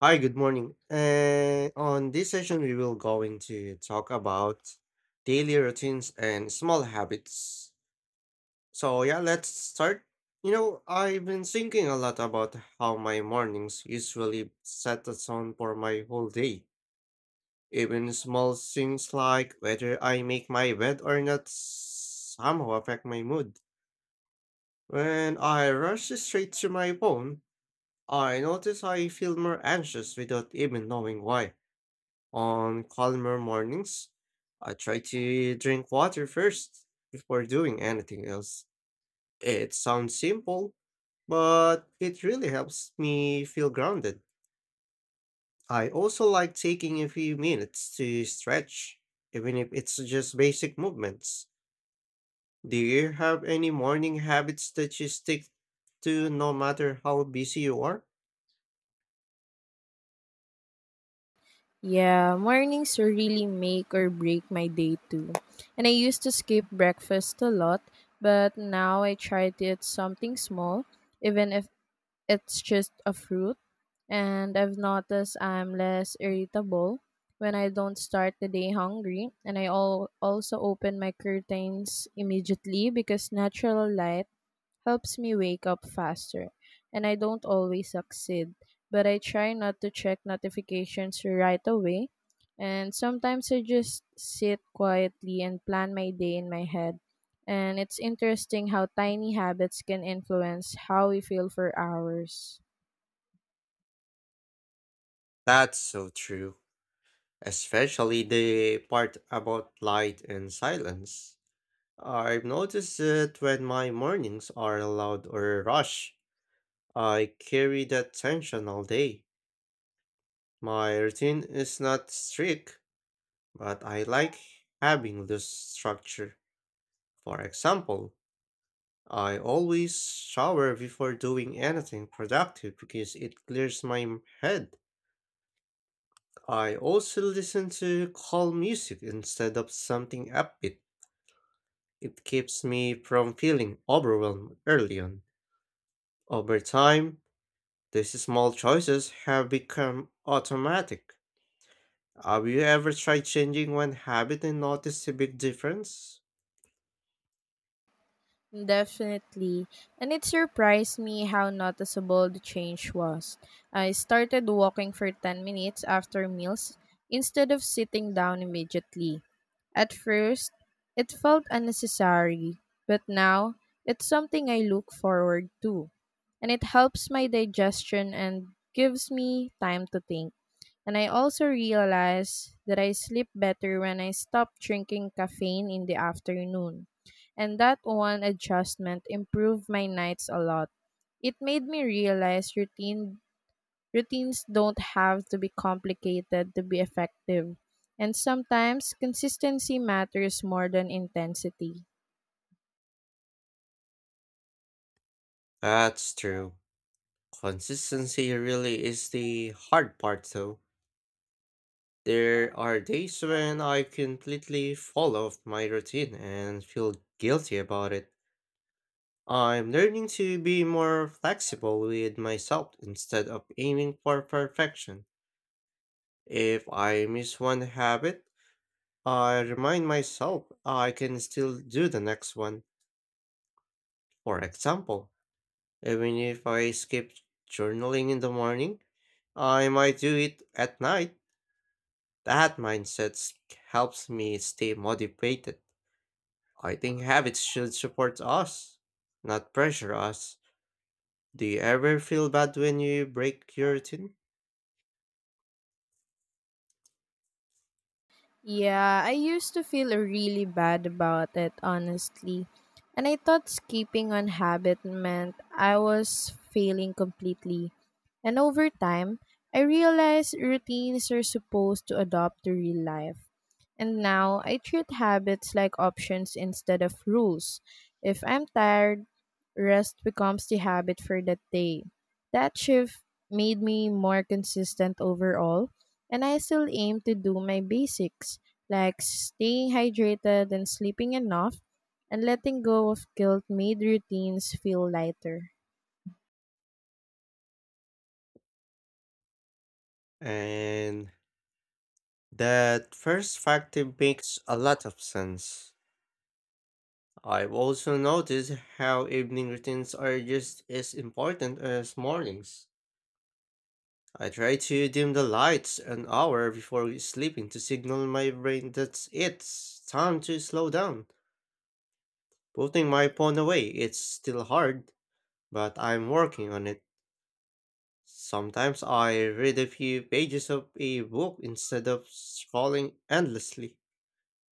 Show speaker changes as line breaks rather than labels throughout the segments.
Hi, good morning. And on this session, we will going to talk about daily routines and small habits. So yeah, let's start. You know, I've been thinking a lot about how my mornings usually set the tone for my whole day. Even small things like whether I make my bed or not somehow affect my mood. When I rush straight to my phone, I notice I feel more anxious without even knowing why. On calmer mornings, I try to drink water first before doing anything else. It sounds simple, but it really helps me feel grounded. I also like taking a few minutes to stretch, even if it's just basic movements. Do you have any morning habits that you stick to no matter how busy you are?
Yeah, mornings really make or break my day too. And I used to skip breakfast a lot, but now I try to eat something small, even if it's just a fruit. And I've noticed I'm less irritable when I don't start the day hungry. And also open my curtains immediately because natural light helps me wake up faster. And I don't always succeed, but I try not to check notifications right away. And sometimes I just sit quietly and plan my day in my head. And it's interesting how tiny habits can influence how we feel for hours.
That's so true, especially the part about light and silence. I've noticed that when my mornings are loud or rush, I carry that tension all day. My routine is not strict, but I like having loose structure. For example, I always shower before doing anything productive because it clears my head. I also listen to calm music instead of something upbeat. It keeps me from feeling overwhelmed early on. Over time, these small choices have become automatic. Have you ever tried changing one habit and noticed a big difference?
Definitely. And it surprised me how noticeable the change was. I started walking for 10 minutes after meals instead of sitting down immediately. At first, it felt unnecessary, but now it's something I look forward to. And it helps my digestion and gives me time to think. And I also realize that I sleep better when I stop drinking caffeine in the afternoon. And that one adjustment improved my nights a lot. It made me realize routines don't have to be complicated to be effective. And sometimes consistency matters more than intensity.
That's true. Consistency really is the hard part, though. There are days when I completely fall off my routine and feel guilty about it. I'm learning to be more flexible with myself instead of aiming for perfection. If I miss one habit, I remind myself I can still do the next one. For example, even if I skip journaling in the morning, I might do it at night. That helps me stay motivated. I think habits should support us, not pressure us. Do you ever feel bad when you break your routine?
Yeah, I used to feel really bad about it, honestly. And I thought skipping on habit meant I was failing completely. And over time, I realized routines are supposed to adapt to real life. And now I treat habits like options instead of rules. If I'm tired, rest becomes the habit for that day. That shift made me more consistent overall, and I still aim to do my basics, like staying hydrated and sleeping enough, and letting go of guilt made routines feel lighter.
And that first factor makes a lot of sense. I've also noticed how evening routines are just as important as mornings. I try to dim the lights an hour before sleeping to signal my brain that it's time to slow down. Putting my phone away, it's still hard, but I'm working on it. Sometimes I read a few pages of a book instead of scrolling endlessly.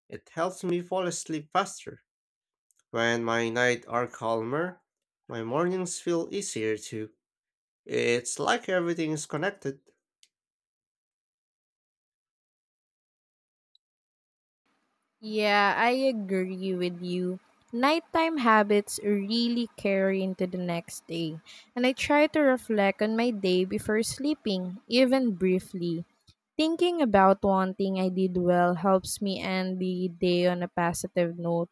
It helps me fall asleep faster. When my nights are calmer, my mornings feel easier too. It's like everything is connected.
Yeah, I agree with you. Nighttime habits really carry into the next day, and I try to reflect on my day before sleeping, even briefly. Thinking about one thing I did well helps me end the day on a positive note.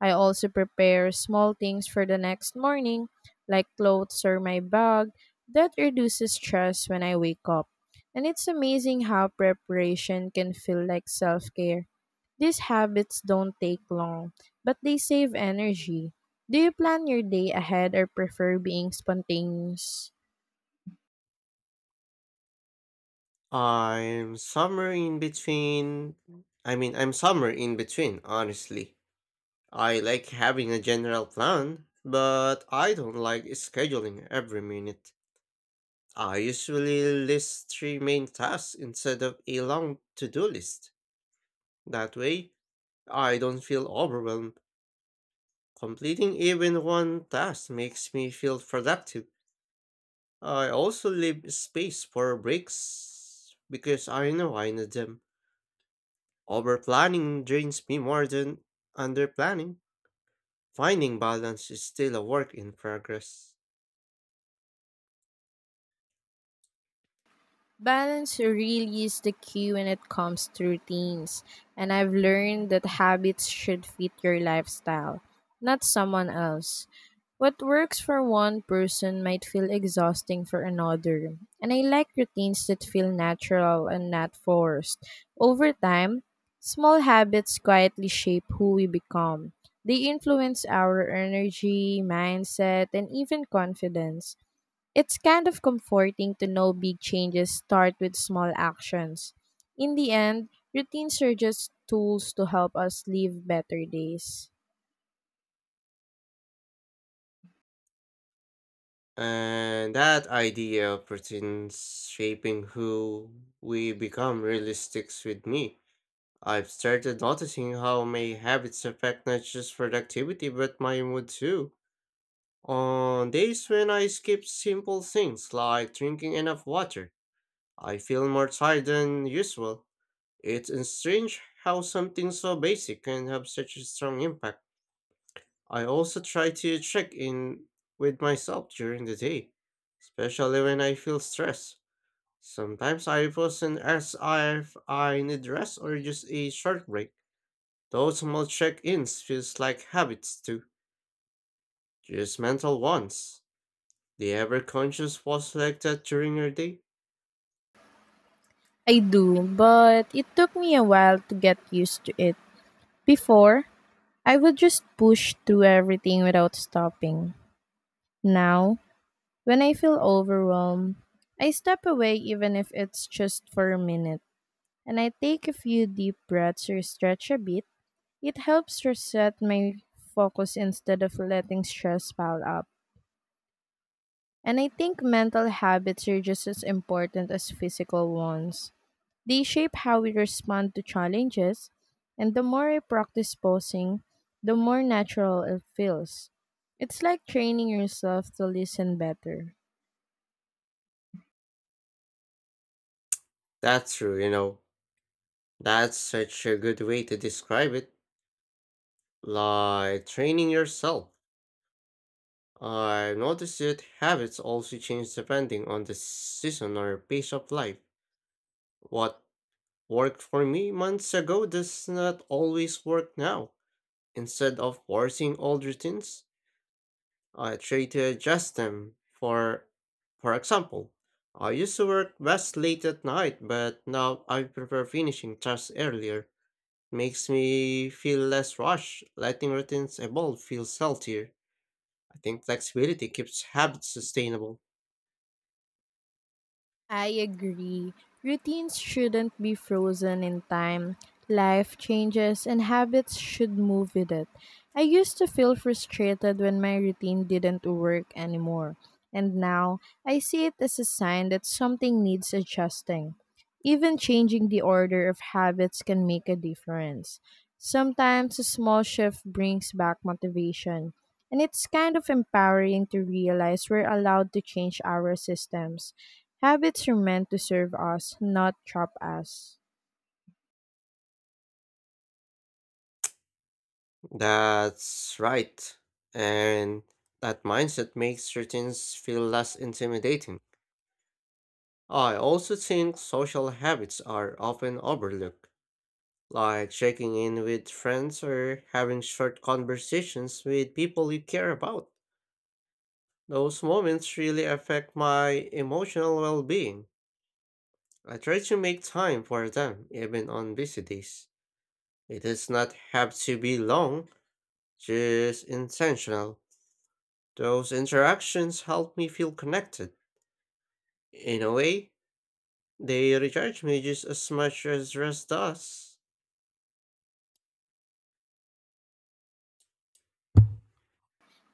I also prepare small things for the next morning, like clothes or my bag. That reduces stress when I wake up. And it's amazing how preparation can feel like self care. These habits don't take long, but they save energy. Do you plan your day ahead or prefer being spontaneous?
I'm somewhere in between. I'm somewhere in between, honestly. I like having a general plan, but I don't like scheduling every minute. I usually list three main tasks instead of a long to do list. That way, I don't feel overwhelmed. Completing even one task makes me feel productive. I also leave space for breaks because I know I need them. Overplanning drains me more than underplanning. Finding balance is still a work in progress.
Balance really is the key when it comes to routines, and I've learned that habits should fit your lifestyle, not someone else. What works for one person might feel exhausting for another, and I like routines that feel natural and not forced. Over time, small habits quietly shape who we become. They influence our energy, mindset, and even confidence. It's kind of comforting to know big changes start with small actions. In the end, routines are just tools to help us live better days.
And that idea of routines shaping who we become really sticks with me. I've started noticing how my habits affect not just productivity but my mood too. On days when I skip simple things like drinking enough water, I feel more tired than usual. It's strange how something so basic can have such a strong impact. I also try to check in with myself during the day, especially when I feel stressed. Sometimes I wasn't as if I need rest or just a short break. Those small check-ins feels like habits too, just mental ones. The ever conscious was like that during your day?
I do, but it took me a while to get used to it. Before, I would just push through everything without stopping. Now, when I feel overwhelmed, I step away even if it's just for a minute, and I take a few deep breaths or stretch a bit. It helps reset my focus instead of letting stress pile up. And I think mental habits are just as important as physical ones. They shape how we respond to challenges, and the more I practice posing, the more natural it feels. It's like training yourself to listen better.
That's true, you know. That's such a good way to describe it. Like training yourself. I noticed that habits also change depending on the season or pace of life. What worked for me months ago does not always work now. Instead of forcing old routines, I try to adjust them. For for example, I used to work best late at night, but now I prefer finishing tasks earlier. Makes me feel less rushed. Letting routines evolve feels healthier. I think flexibility keeps habits sustainable.
I agree. Routines shouldn't be frozen in time. Life changes and habits should move with it. I used to feel frustrated when my routine didn't work anymore. And now I see it as a sign that something needs adjusting. Even changing the order of habits can make a difference. Sometimes a small shift brings back motivation. And it's kind of empowering to realize we're allowed to change our systems. Habits are meant to serve us, not trap us.
That's right. And that mindset makes routines feel less intimidating. I also think social habits are often overlooked, like checking in with friends or having short conversations with people you care about. Those moments really affect my emotional well being. I try to make time for them, even on busy days. It does not have to be long, just intentional. Those interactions help me feel connected. In a way, they recharge me just as much as rest does.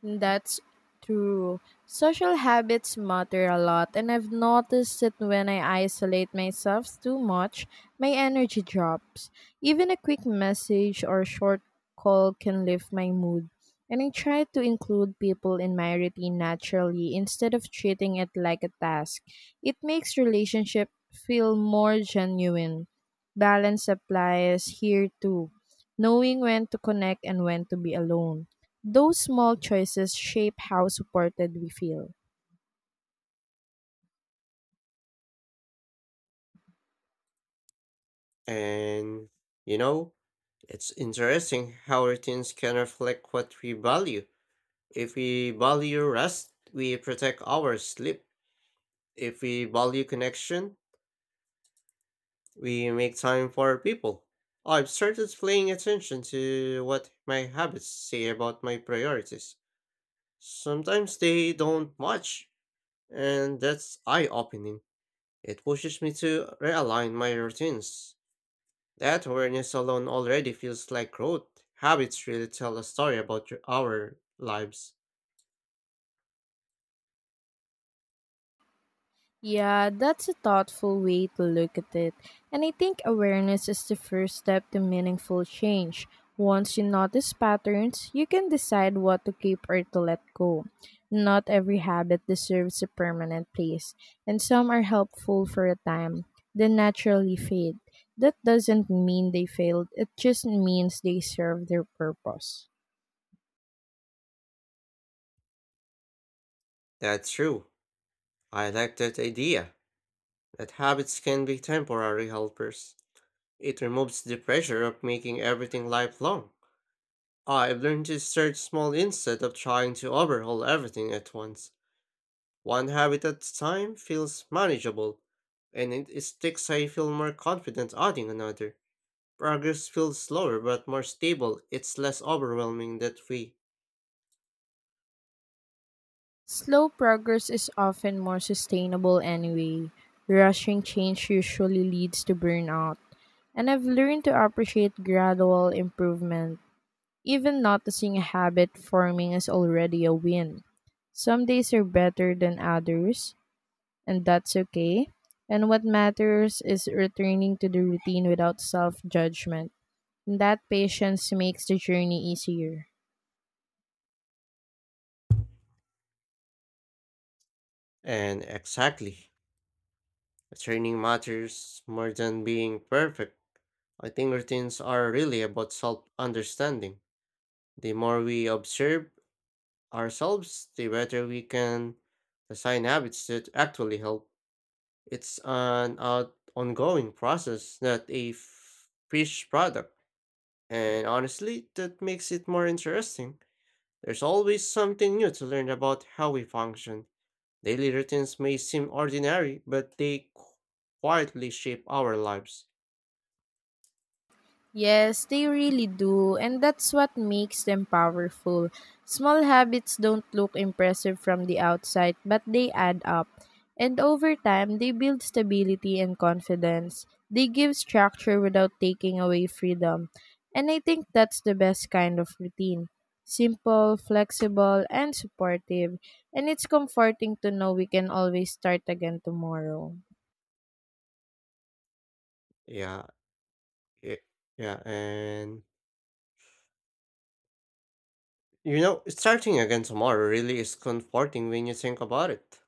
That's true. Social habits matter a lot, and I've noticed that when I isolate myself too much, my energy drops. Even a quick message or short call can lift my mood. And I try to include people in my routine naturally instead of treating it like a task. It makes relationship feel more genuine. Balance applies here too, knowing when to connect and when to be alone. Those small choices shape how supported we feel.
And, you know, it's interesting how routines can reflect what we value. If we value rest, we protect our sleep. If we value connection, we make time for people. I've started paying attention to what my habits say about my priorities. Sometimes they don't much, and that's eye opening. It pushes me to realign my routines. That awareness alone already feels like growth. Habits really tell a story about your, our lives.
Yeah, that's a thoughtful way to look at it. And I think awareness is the first step to meaningful change. Once you notice patterns, you can decide what to keep or to let go. Not every habit deserves a permanent place, and some are helpful for a time, then naturally fade. That doesn't mean they failed, it just means they serve their purpose.
That's true. I like that idea that habits can be temporary helpers. It removes the pressure of making everything lifelong. I've learned to start small instead of trying to overhaul everything at once. One habit at a time feels manageable, and it sticks I feel more confident adding another. Progress feels slower but more stable, it's less overwhelming that way.
Slow progress is often more sustainable anyway. Rushing change usually leads to burnout. And I've learned to appreciate gradual improvement. Even noticing a habit forming is already a win. Some days are better than others, and that's okay. And what matters is returning to the routine without self judgment. That patience makes the journey easier.
And exactly, training matters more than being perfect. I think routines are really about self understanding. The more we observe ourselves, the better we can design habits that actually help. It's an out ongoing process, not a fish product. And honestly, that makes it more interesting. There's always something new to learn about how we function. Daily routines may seem ordinary, but they quietly shape our lives.
Yes, they really do, and that's what makes them powerful. Small habits don't look impressive from the outside, but they add up. And over time, they build stability and confidence. They give structure without taking away freedom. And I think that's the best kind of routine: simple, flexible, and supportive. And it's comforting to know we can always start again tomorrow.
Yeah, y- yeah, and you know, starting again tomorrow really is comforting when you think about it.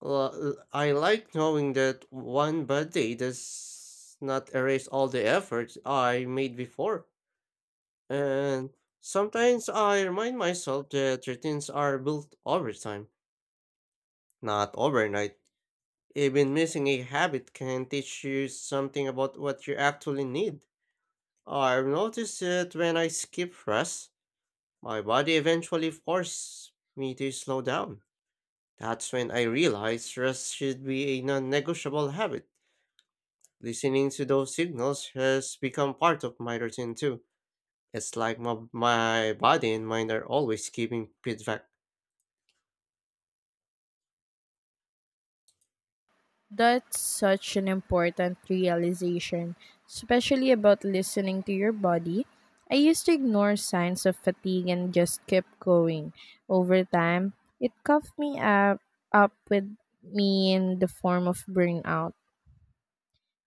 Well, I like knowing that one bad day does not erase all the efforts I made before. And sometimes I remind myself that routines are built over time, not overnight. Even missing a habit can teach you something about what you actually need. I've noticed that when I skip rest, my body eventually forces me to slow down. That's when I realize rest should be a non negotiable habit. Listening to those signals has become part of my routine too. It's like my body and mind are always giving feedback.
That's such an important realization, especially about listening to your body. I used to ignore signs of fatigue and just kept going. Over time, it cuffed me up with me in the form of burnout.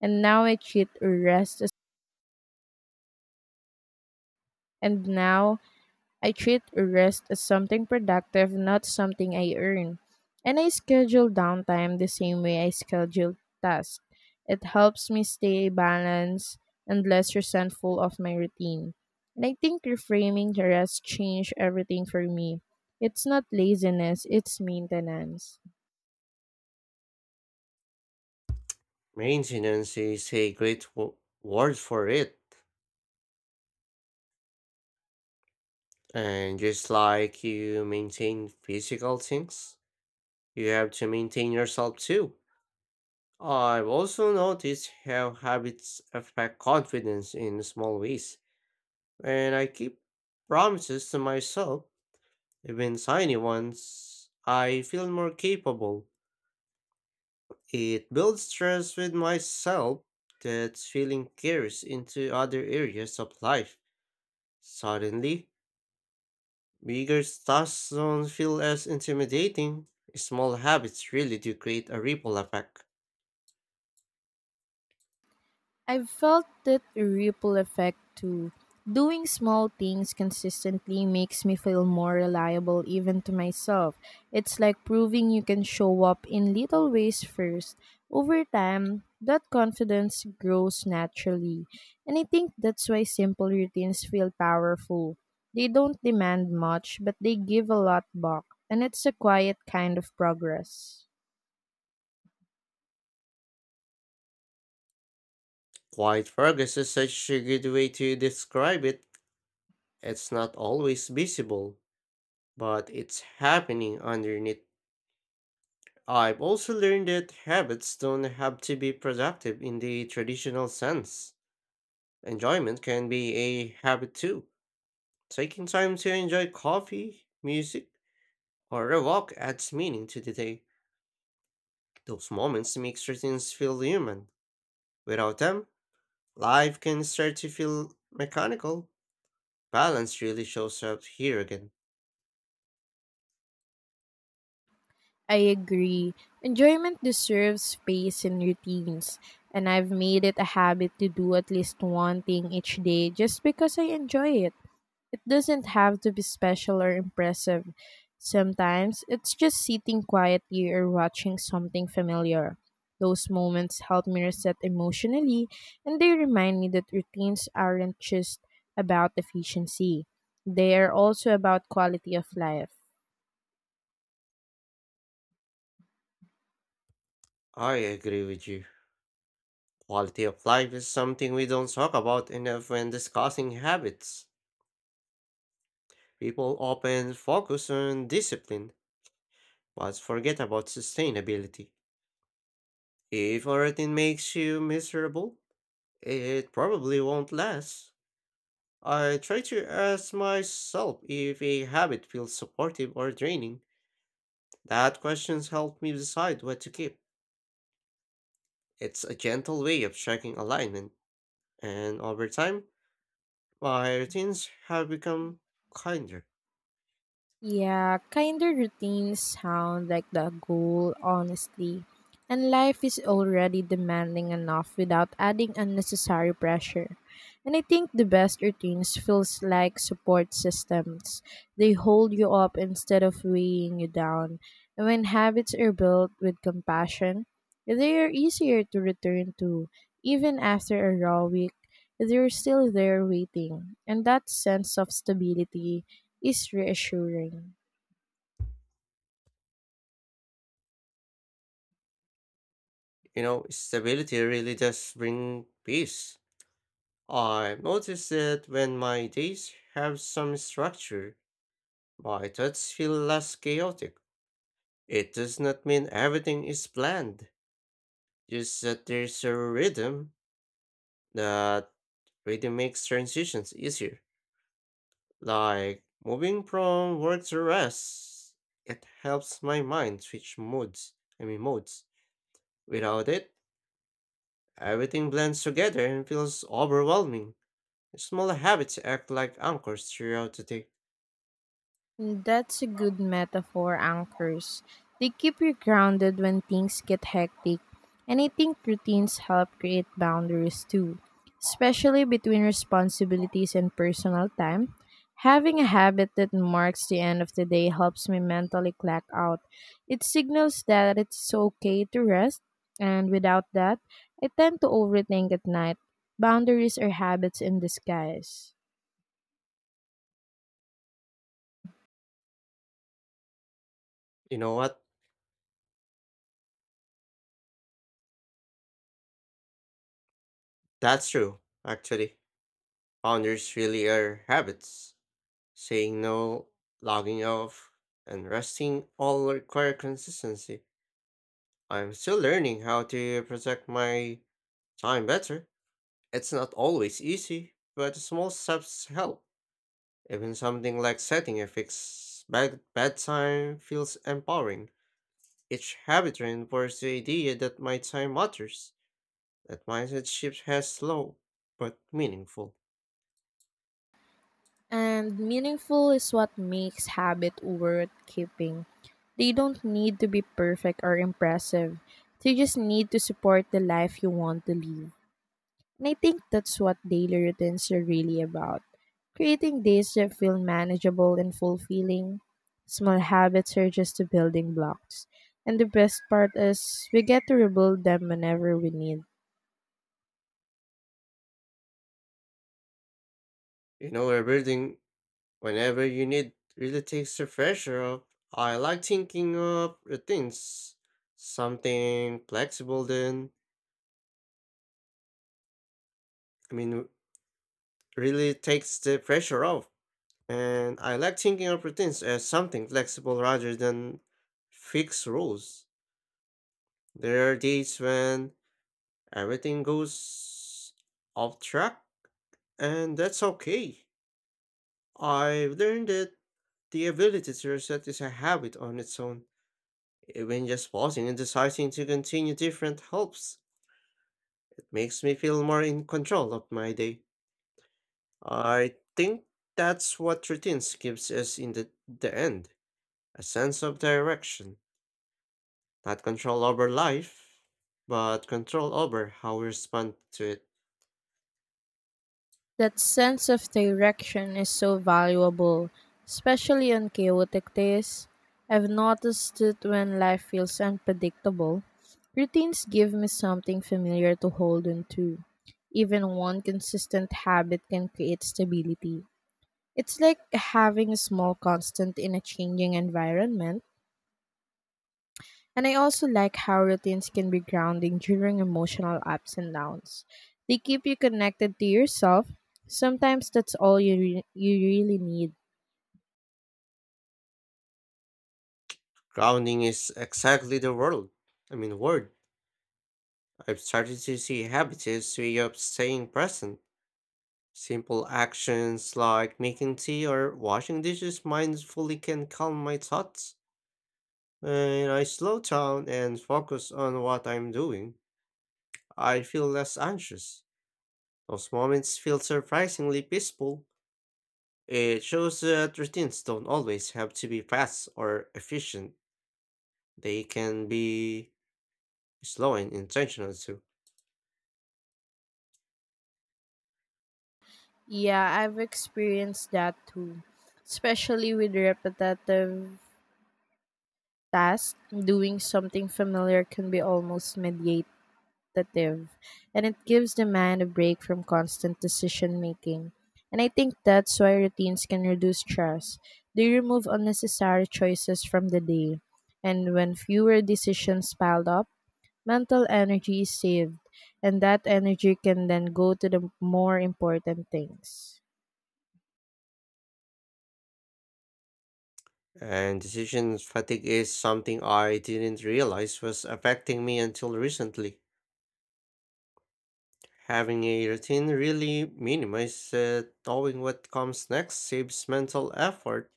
And now I treat rest as and now I treat rest as something productive, not something I earn. And I schedule downtime the same way I schedule tasks. It helps me stay balanced and less resentful of my routine. And I think reframing the rest changed everything for me. It's not laziness, it's maintenance.
Maintenance is a great word for it. And just like you maintain physical things, you have to maintain yourself too. I've also noticed how habits affect confidence in small ways. When I keep promises to myself, even tiny ones, I feel more capable. It builds trust with myself that feeling carries into other areas of life. Suddenly, bigger tasks don't feel as intimidating. Small habits really do create a ripple effect.
I've felt that ripple effect too. Doing small things consistently makes me feel more reliable even to myself. It's like proving you can show up in little ways first. Over time, that confidence grows naturally. And I think that's why simple routines feel powerful. They don't demand much, but they give a lot back. And it's a quiet kind of progress.
Quiet progress is such a good way to describe it. It's not always visible, but it's happening underneath. I've also learned that habits don't have to be productive in the traditional sense. Enjoyment can be a habit too. Taking time to enjoy coffee, music, or a walk adds meaning to the day. Those moments make routines feel human. Without them, life can start to feel mechanical. Balance really shows up here again.
I agree. Enjoyment deserves space and routines, and I've made it a habit to do at least one thing each day just because I enjoy it. It doesn't have to be special or impressive. Sometimes it's just sitting quietly or watching something familiar. Those moments help me reset emotionally, and they remind me that routines aren't just about efficiency, they are also about quality of life.
I agree with you. Quality of life is something we don't talk about enough when discussing habits. People often focus on discipline, but forget about sustainability. If a routine makes you miserable, it probably won't last. I try to ask myself if a habit feels supportive or draining. That questions help me decide what to keep. It's a gentle way of checking alignment, and over time, my routines have become kinder.
Yeah, kinder routines sound like the goal, honestly. And life is already demanding enough without adding unnecessary pressure. And I think the best routines feels like support systems. They hold you up instead of weighing you down. And when habits are built with compassion, they are easier to return to. Even after a raw week, they're still there waiting. And that sense of stability is reassuring.
You know, stability really does bring peace. I've noticed that when my days have some structure, my thoughts feel less chaotic. It does not mean everything is planned, just that there's a rhythm that reading makes transitions easier, like moving from work to rest. It helps my mind switch modes, modes. Without it, everything blends together and feels overwhelming. Small habits act like anchors throughout the day.
That's a good metaphor, anchors. They keep you grounded when things get hectic, and I think routines help create boundaries too, especially between responsibilities and personal time. Having a habit that marks the end of the day helps me mentally clock out. It signals that it's okay to rest, and without that, I tend to overthink at night. Boundaries are habits in disguise.
You know what? That's true, actually. Founders really are habits. Saying no, logging off, and resting all require consistency. I'm still learning how to protect my time better. It's not always easy, but small steps help. Even something like setting a fixed bedtime feels empowering. Each habit reinforces the idea that my time matters. That mindset shift has slow but meaningful.
And meaningful is what makes habit worth keeping. They don't need to be perfect or impressive. They just need to support the life you want to live. And I think that's what daily routines are really about. Creating days that feel manageable and fulfilling. Small habits are just the building blocks. And the best part is we get to rebuild them whenever we need.
You know, rebuilding whenever you need really takes the pressure off. I like thinking of routines, something flexible. Then I mean, really takes the pressure off. And I like thinking of routines as something flexible rather than fixed rules. There are days when everything goes off track, and that's okay. I've learned that the ability to reset is a habit on its own. Even just pausing and deciding to continue different helps. It makes me feel more in control of my day. I think that's what routines gives us in the end, a sense of direction. Not control over life, but control over how we respond to it.
That sense of direction is so valuable, especially on chaotic days. I've noticed it when life feels unpredictable. Routines give me something familiar to hold on to. Even one consistent habit can create stability. It's like having a small constant in a changing environment. And I also like how routines can be grounding during emotional ups and downs. They keep you connected to yourself. Sometimes that's all you really need.
Grounding is exactly the world. Word. I've started to see habits as way of staying present. Simple actions like making tea or washing dishes mindfully can calm my thoughts. When I slow down and focus on what I'm doing, I feel less anxious. Those moments feel surprisingly peaceful. It shows that routines don't always have to be fast or efficient. They can be slow and intentional too.
Yeah, I've experienced that too, especially with repetitive tasks. Doing something familiar can be almost mediative. Consultative, and it gives the man a break from constant decision making. And I think that's why routines can reduce stress. They remove unnecessary choices from the day. And when fewer decisions pile up, mental energy is saved. And that energy can then go to the more important things.
And decision fatigue is something I didn't realize was affecting me until recently. Having a routine really minimizes knowing what comes next saves mental effort.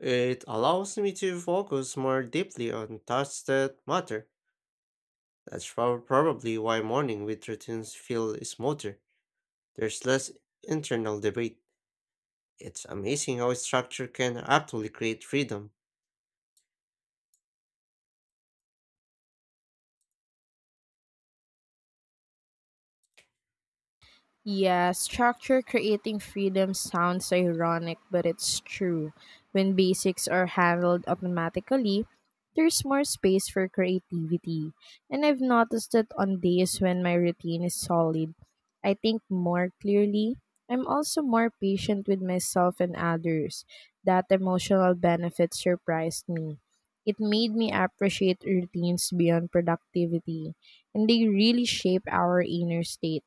It allows me to focus more deeply on tasks that matter. That's probably why morning with routines feel smoother. There's less internal debate. It's amazing how a structure can actually create freedom.
Yeah, structure creating freedom sounds ironic, but it's true. When basics are handled automatically, there's more space for creativity. And I've noticed that on days when my routine is solid, I think more clearly. I'm also more patient with myself and others. That emotional benefit surprised me. It made me appreciate routines beyond productivity, and they really shape our inner state.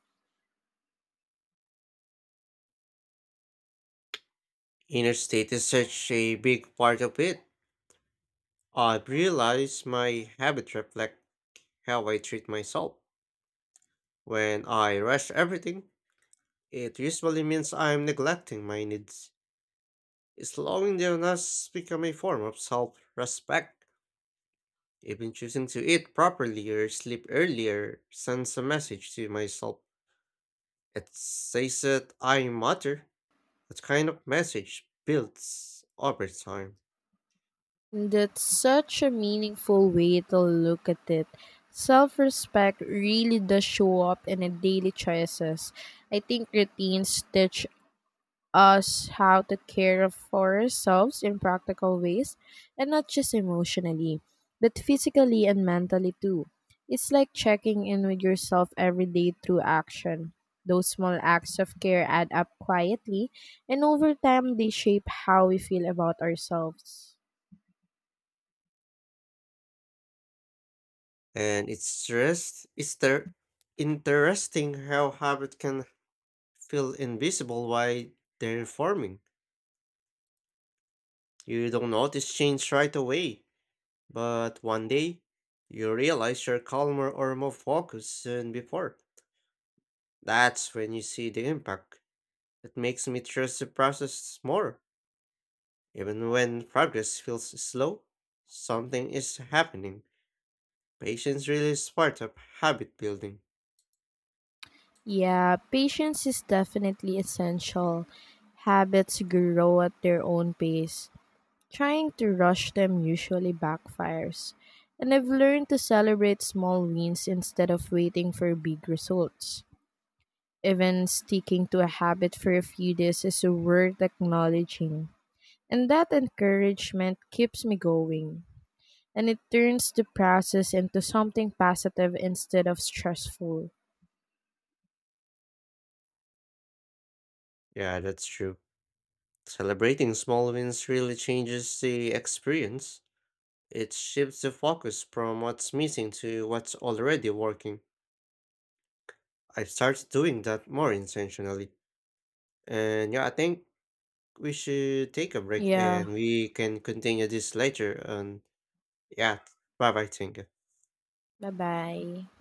Inner state is such a big part of it. I've realized my habits reflect how I treat myself. When I rush everything, it usually means I'm neglecting my needs. Slowing down has become a form of self respect. Even choosing to eat properly or sleep earlier sends a message to myself. It says that I matter. That kind of message builds over time.
That's such a meaningful way to look at it. Self respect really does show up in our daily choices. I think routines teach us how to care for ourselves in practical ways, and not just emotionally, but physically and mentally too. It's like checking in with yourself every day through action. Those small acts of care add up quietly, and over time, they shape how we feel about ourselves.
And it's just it's there interesting how habit can feel invisible while they're forming. You don't notice change right away, but one day you realize you're calmer or more focused than before. That's when you see the impact. It makes me trust the process more. Even when progress feels slow, something is happening. Patience really is part of habit building.
Yeah, patience is definitely essential. Habits grow at their own pace. Trying to rush them usually backfires. And I've learned to celebrate small wins instead of waiting for big results. Even sticking to a habit for a few days is worth acknowledging. And that encouragement keeps me going. And it turns the process into something positive instead of stressful.
Yeah, that's true. Celebrating small wins really changes the experience. It shifts the focus from what's missing to what's already working. I've started doing that more intentionally. And yeah, I think we should take a break
Yeah,
and we can continue this later. And yeah, bye bye, Tinka.
bye bye.